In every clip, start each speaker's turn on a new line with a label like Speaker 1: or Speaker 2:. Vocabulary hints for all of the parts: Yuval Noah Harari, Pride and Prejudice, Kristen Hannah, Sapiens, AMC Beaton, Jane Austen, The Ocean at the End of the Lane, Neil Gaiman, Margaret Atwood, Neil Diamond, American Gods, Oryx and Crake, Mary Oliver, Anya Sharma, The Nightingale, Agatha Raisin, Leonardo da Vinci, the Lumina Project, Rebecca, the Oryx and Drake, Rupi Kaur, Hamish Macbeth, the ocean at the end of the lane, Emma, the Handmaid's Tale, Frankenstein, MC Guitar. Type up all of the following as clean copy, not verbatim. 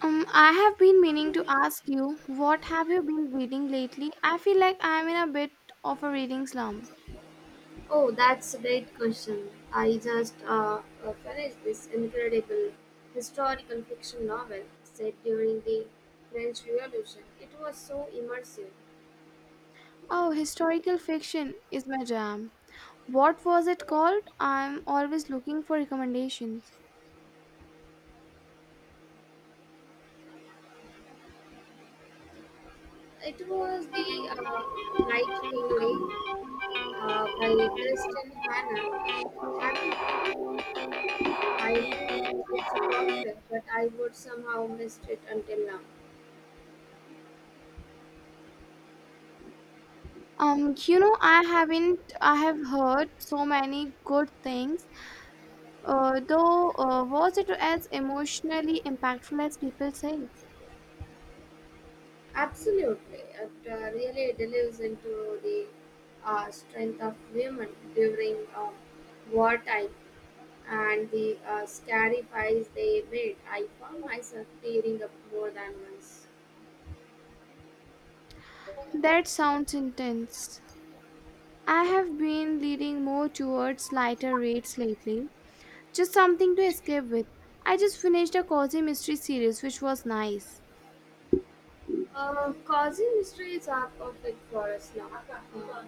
Speaker 1: I have been meaning to ask you, what have you been reading lately? I feel like I'm in a bit of a reading slump.
Speaker 2: Oh, that's a great question. I just finished this incredible historical fiction novel set during the French Revolution. It was so immersive.
Speaker 1: Oh, historical fiction is my jam. What was it called? I'm always looking for recommendations.
Speaker 2: It was The Nightingale by Kristen Hannah. Have you read it? I know it's popular, but I would somehow missed it until now.
Speaker 1: I haven't, I have heard so many good things, though, was it as emotionally impactful as people say?
Speaker 2: Absolutely, it really delves into the strength of women during wartime and the sacrifice they made. I found myself tearing up more than once.
Speaker 1: That sounds intense. I have been leaning more towards lighter reads lately. Just something to escape with. I just finished a cozy mystery series which was nice.
Speaker 2: Causing mysteries are perfect for us now.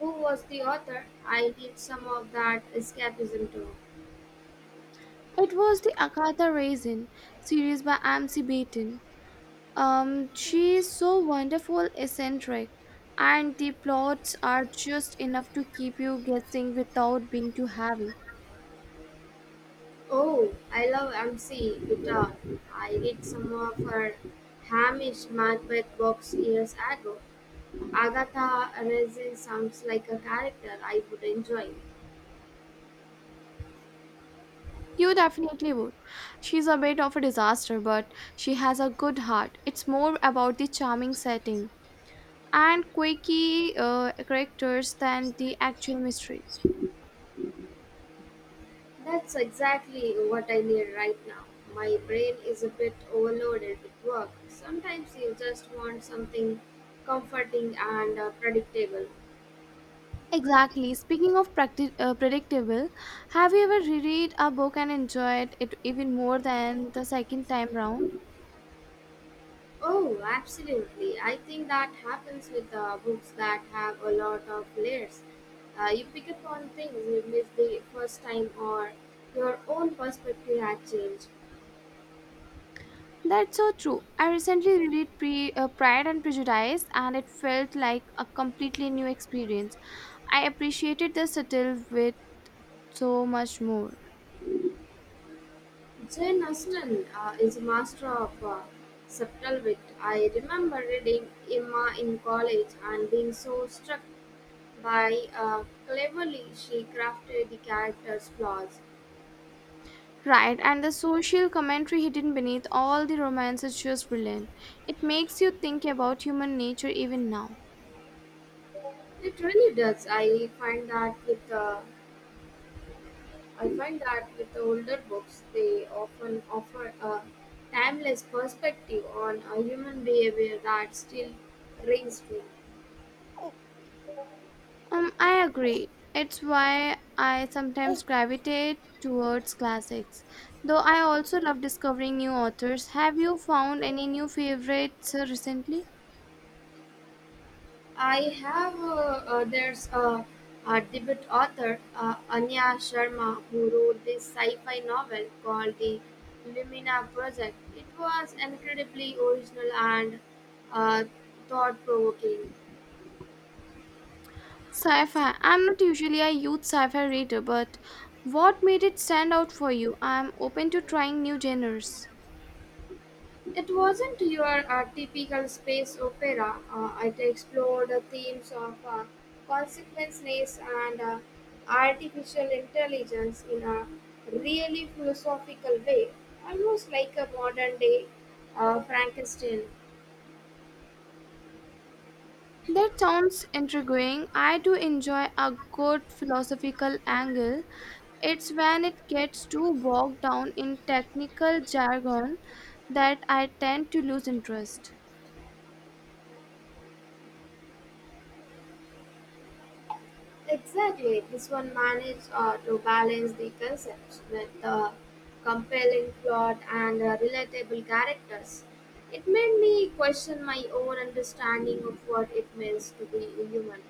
Speaker 2: Who was the author? I need some of that escapism too.
Speaker 1: It was the Agatha Raisin series by AMC Beaton. She is so wonderful, eccentric, and the plots are just enough to keep you guessing without being too heavy.
Speaker 2: Oh, I love MC Guitar. I read some of her Hamish Macbeth books years ago. Agatha Reese sounds like a character I would enjoy.
Speaker 1: You definitely would. She's a bit of a disaster, but she has a good heart. It's more about the charming setting and quirky characters than the actual mystery.
Speaker 2: That's exactly what I need right now. My brain is a bit overloaded with work. Sometimes you just want something comforting and predictable.
Speaker 1: Exactly. Speaking of predictable, have you ever reread a book and enjoyed it even more than the second time round?
Speaker 2: Oh, absolutely. I think that happens with books that have a lot of layers. You pick up on things you missed the first time, or your own perspective had changed.
Speaker 1: That's so true. I recently reread Pride and Prejudice, and it felt like a completely new experience. I appreciated the subtle wit so much more.
Speaker 2: Jane Austen is a master of subtle wit. I remember reading Emma in college and being so struck by cleverly she crafted the character's flaws.
Speaker 1: Right, and the social commentary hidden beneath all the romance is just brilliant. It makes you think about human nature even now.
Speaker 2: It really does. I find that with older books, they often offer a timeless perspective on a human behavior that still rings true.
Speaker 1: I agree. It's why I sometimes gravitate towards classics. Though I also love discovering new authors. Have you found any new favorites recently?
Speaker 2: I have there's a debut author Anya Sharma who wrote this sci-fi novel called the Lumina Project. It was incredibly original and uh, thought-provoking.
Speaker 1: Sci-fi. I'm not usually a youth sci-fi reader, but what made it stand out for you? I'm open to trying new genres.
Speaker 2: It wasn't your typical space opera. It explored the themes of consequences and artificial intelligence in a really philosophical way, almost like a modern day Frankenstein.
Speaker 1: That sounds intriguing. I do enjoy a good philosophical angle. It's when it gets too bogged down in technical jargon that I tend to lose interest.
Speaker 2: Exactly, this one managed to balance the concepts with a compelling plot and relatable characters. It made me question my own understanding of what it means to be human.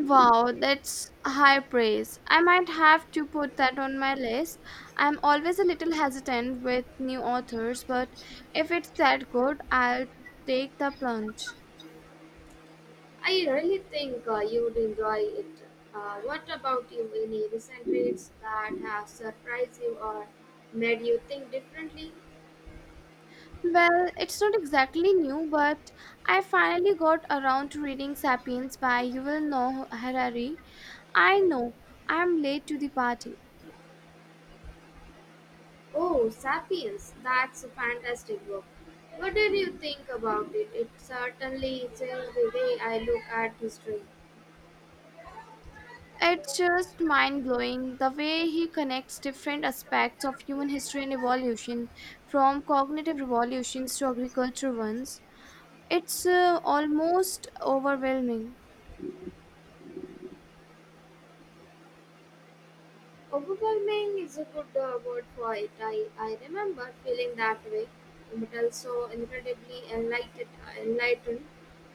Speaker 1: Wow, that's high praise. I might have to put that on my list. I'm always a little hesitant with new authors, but if it's that good, I'll take the plunge.
Speaker 2: I really think you'd enjoy it. What about you? Any recent reads that have surprised you or made you think differently?
Speaker 1: Well, it's not exactly new, but I finally got around to reading Sapiens by Yuval Noah Harari. I know I'm late to the party.
Speaker 2: Oh, Sapiens, that's a fantastic book. What did you think about it? It certainly changed the way I look at history.
Speaker 1: It's just mind blowing the way he connects different aspects of human history and evolution, from cognitive revolutions to agricultural ones. It's almost overwhelming.
Speaker 2: Overwhelming is a good word for it. I remember feeling that way, but also incredibly enlightened.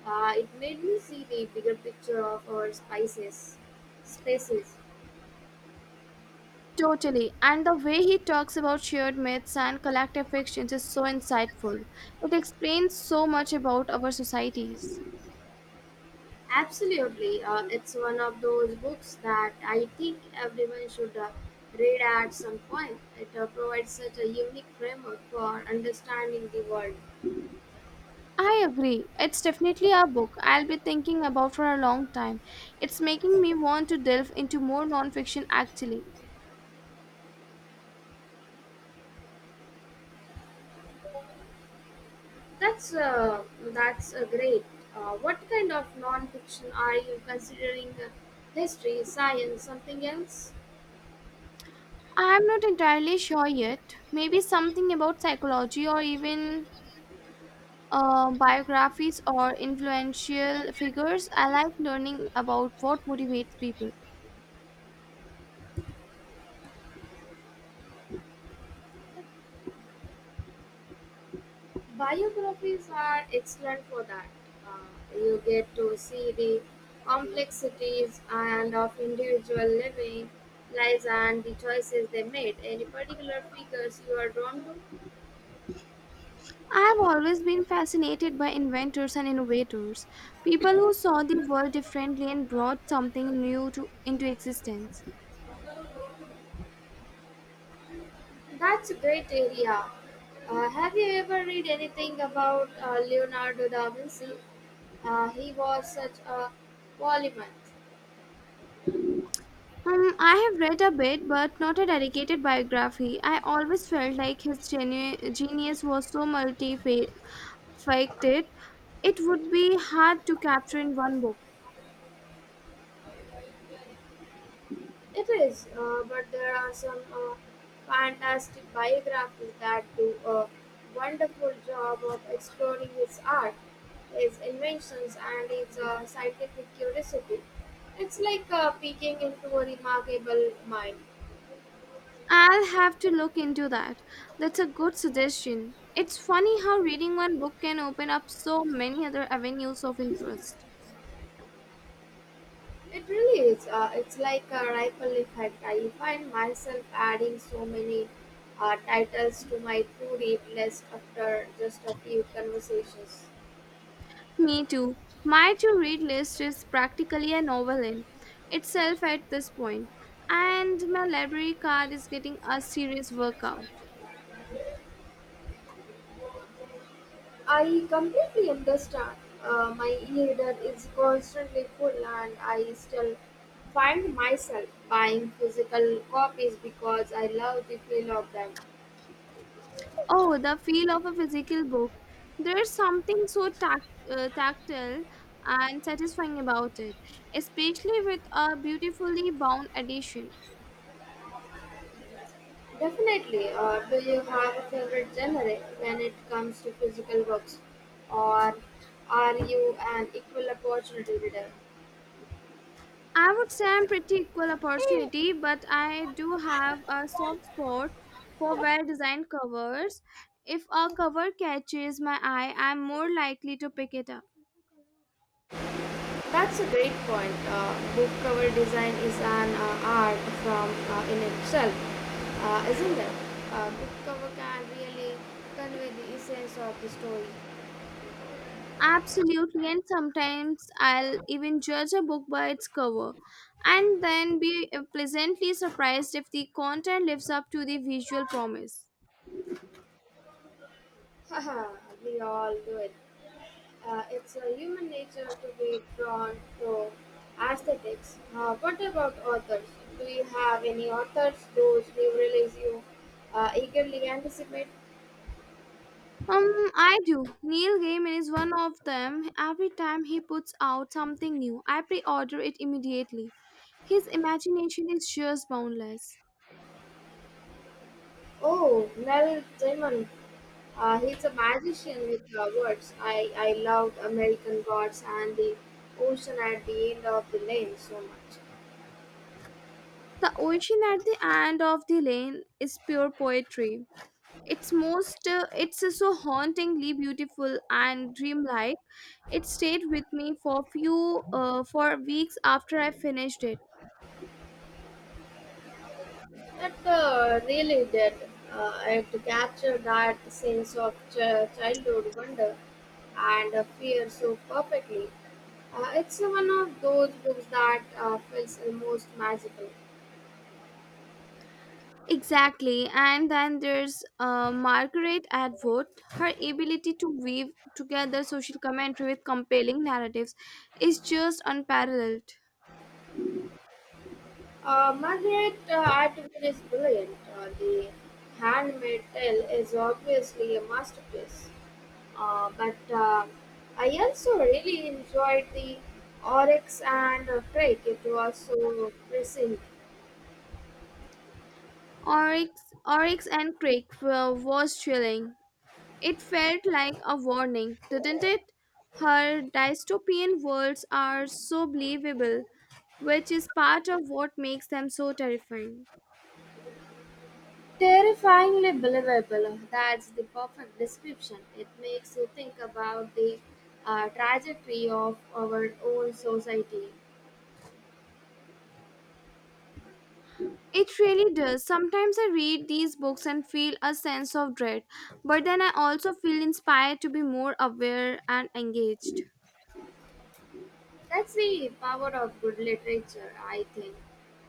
Speaker 2: It made me see the bigger picture of our spaces.
Speaker 1: Totally. And the way he talks about shared myths and collective fictions is so insightful. It explains so much about our societies.
Speaker 2: Absolutely. It's one of those books that I think everyone should read at some point. It provides such a unique framework for understanding the world.
Speaker 1: I agree. It's definitely a book I'll be thinking about for a long time. It's making me want to delve into more nonfiction actually.
Speaker 2: That's uh, that's great. What kind of non-fiction are you considering? History, science, something else?
Speaker 1: I'm not entirely sure yet. Maybe something about psychology or even biographies or influential figures. I like learning about what motivates people.
Speaker 2: Biographies are excellent for that. Uh, you get to see the complexities and of individual living lives and the choices they made. Any particular figures you are drawn to?
Speaker 1: I've always been fascinated by inventors and innovators, people who saw the world differently and brought something new into existence.
Speaker 2: That's a great area. Have you ever read anything about Leonardo da Vinci? He was such a polymath.
Speaker 1: I have read a bit, but not a dedicated biography. I always felt like his genius was so multifaceted, it would be hard to capture in one book.
Speaker 2: It is, but there are some fantastic biographies that do a wonderful job of exploring his art, his inventions, and his scientific curiosity. It's like peeking into a remarkable mind.
Speaker 1: I'll have to look into that. That's a good suggestion. It's funny how reading one book can open up so many other avenues of interest.
Speaker 2: It really is. It's like a rifle effect. I find myself adding so many titles to my to-read list after just a few conversations.
Speaker 1: Me too. My to read list is practically a novel in itself at this point, and my library card is getting a serious workout.
Speaker 2: I completely understand. My e-reader is constantly full, and I still find myself buying physical copies because I love the feel of them.
Speaker 1: Oh, the feel of a physical book. There's something so tactile and satisfying about it, especially with a beautifully bound edition.
Speaker 2: Definitely. Do you have a favorite genre when it comes to physical books, or are you an equal opportunity reader?
Speaker 1: I would say I'm pretty equal opportunity, but I do have a soft spot for well designed covers. If a cover catches my eye, I'm more likely to pick it up.
Speaker 2: That's a great point. Book cover design is an art from in itself, isn't it? Book cover can really convey the essence of the story.
Speaker 1: Absolutely, and sometimes I'll even judge a book by its cover and then be pleasantly surprised if the content lives up to the visual promise.
Speaker 2: Haha, we all do it. It's a human nature to be drawn to aesthetics. What about authors? Do you have any authors whose new release you eagerly anticipate?
Speaker 1: Um, I do. Neil Gaiman is one of them. Every time he puts out something new, I pre order it immediately. His imagination is just boundless.
Speaker 2: Oh, Neil Diamond. He's a magician with words. I loved American Gods and the ocean at the end of the lane so much.
Speaker 1: The ocean at the end of the lane is pure poetry. It's so hauntingly beautiful and dreamlike. It stayed with me for for weeks after I finished it.
Speaker 2: That really did. I had to capture that sense of childhood wonder and fear so perfectly. It's one of those books that feels almost magical.
Speaker 1: Exactly, and then there's Margaret Atwood. Her ability to weave together social commentary with compelling narratives is just unparalleled.
Speaker 2: Margaret Atwood is brilliant. The Handmaid's Tale is obviously a masterpiece. But I also really enjoyed the Oryx and Drake. It was so prescient.
Speaker 1: Oryx, Oryx and Crake were was chilling. It felt like a warning, didn't it? Her dystopian worlds are so believable, which is part of what makes them so terrifying.
Speaker 2: Terrifyingly believable. That's the perfect description. It makes you think about the trajectory of our own society.
Speaker 1: It really does. Sometimes I read these books and feel a sense of dread, but then I also feel inspired to be more aware and engaged.
Speaker 2: That's the power of good literature, I think.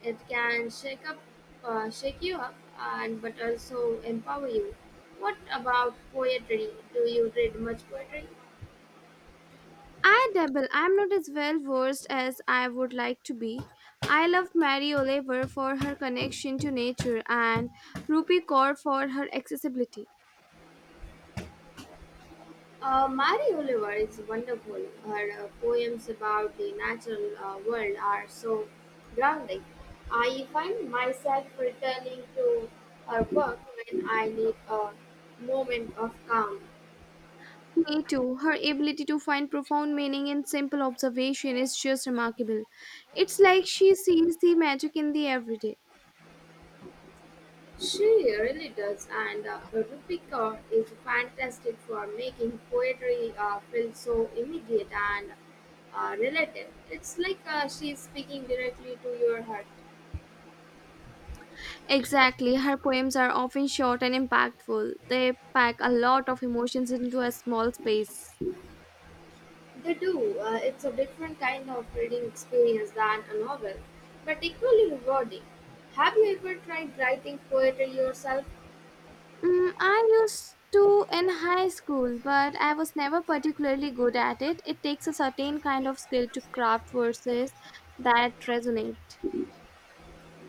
Speaker 2: It can shake up, Shake you up, and but also empower you. What about poetry? Do you read much poetry?
Speaker 1: I dabble. I'm not as well versed as I would like to be. I loved Mary Oliver for her connection to nature and Rupi Kaur for her accessibility.
Speaker 2: Mary Oliver is wonderful. Her poems about the natural world are so grounding. I find myself returning to her work when I need a moment of calm.
Speaker 1: Me too. Her ability to find profound meaning in simple observation is just remarkable. It's like she sees the magic in the everyday.
Speaker 2: She really does, and Rebecca is fantastic for making poetry feel so immediate and relative. It's like she's speaking directly to your heart.
Speaker 1: Exactly. Her poems are often short and impactful. They pack a lot of emotions into a small space.
Speaker 2: They do. It's a different kind of reading experience than a novel, but equally rewarding. Have you ever tried writing poetry yourself?
Speaker 1: Mm, I used to in high school, but I was never particularly good at it. It takes a certain kind of skill to craft verses that resonate.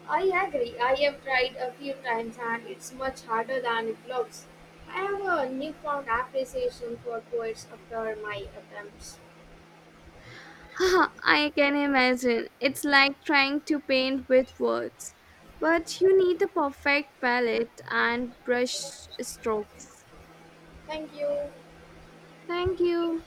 Speaker 2: I agree. I have tried a few times and it's much harder than it looks. I have a newfound appreciation for poets after my attempts.
Speaker 1: I can imagine. It's like trying to paint with words, but you need the perfect palette and brush strokes.
Speaker 2: Thank you.
Speaker 1: Thank you.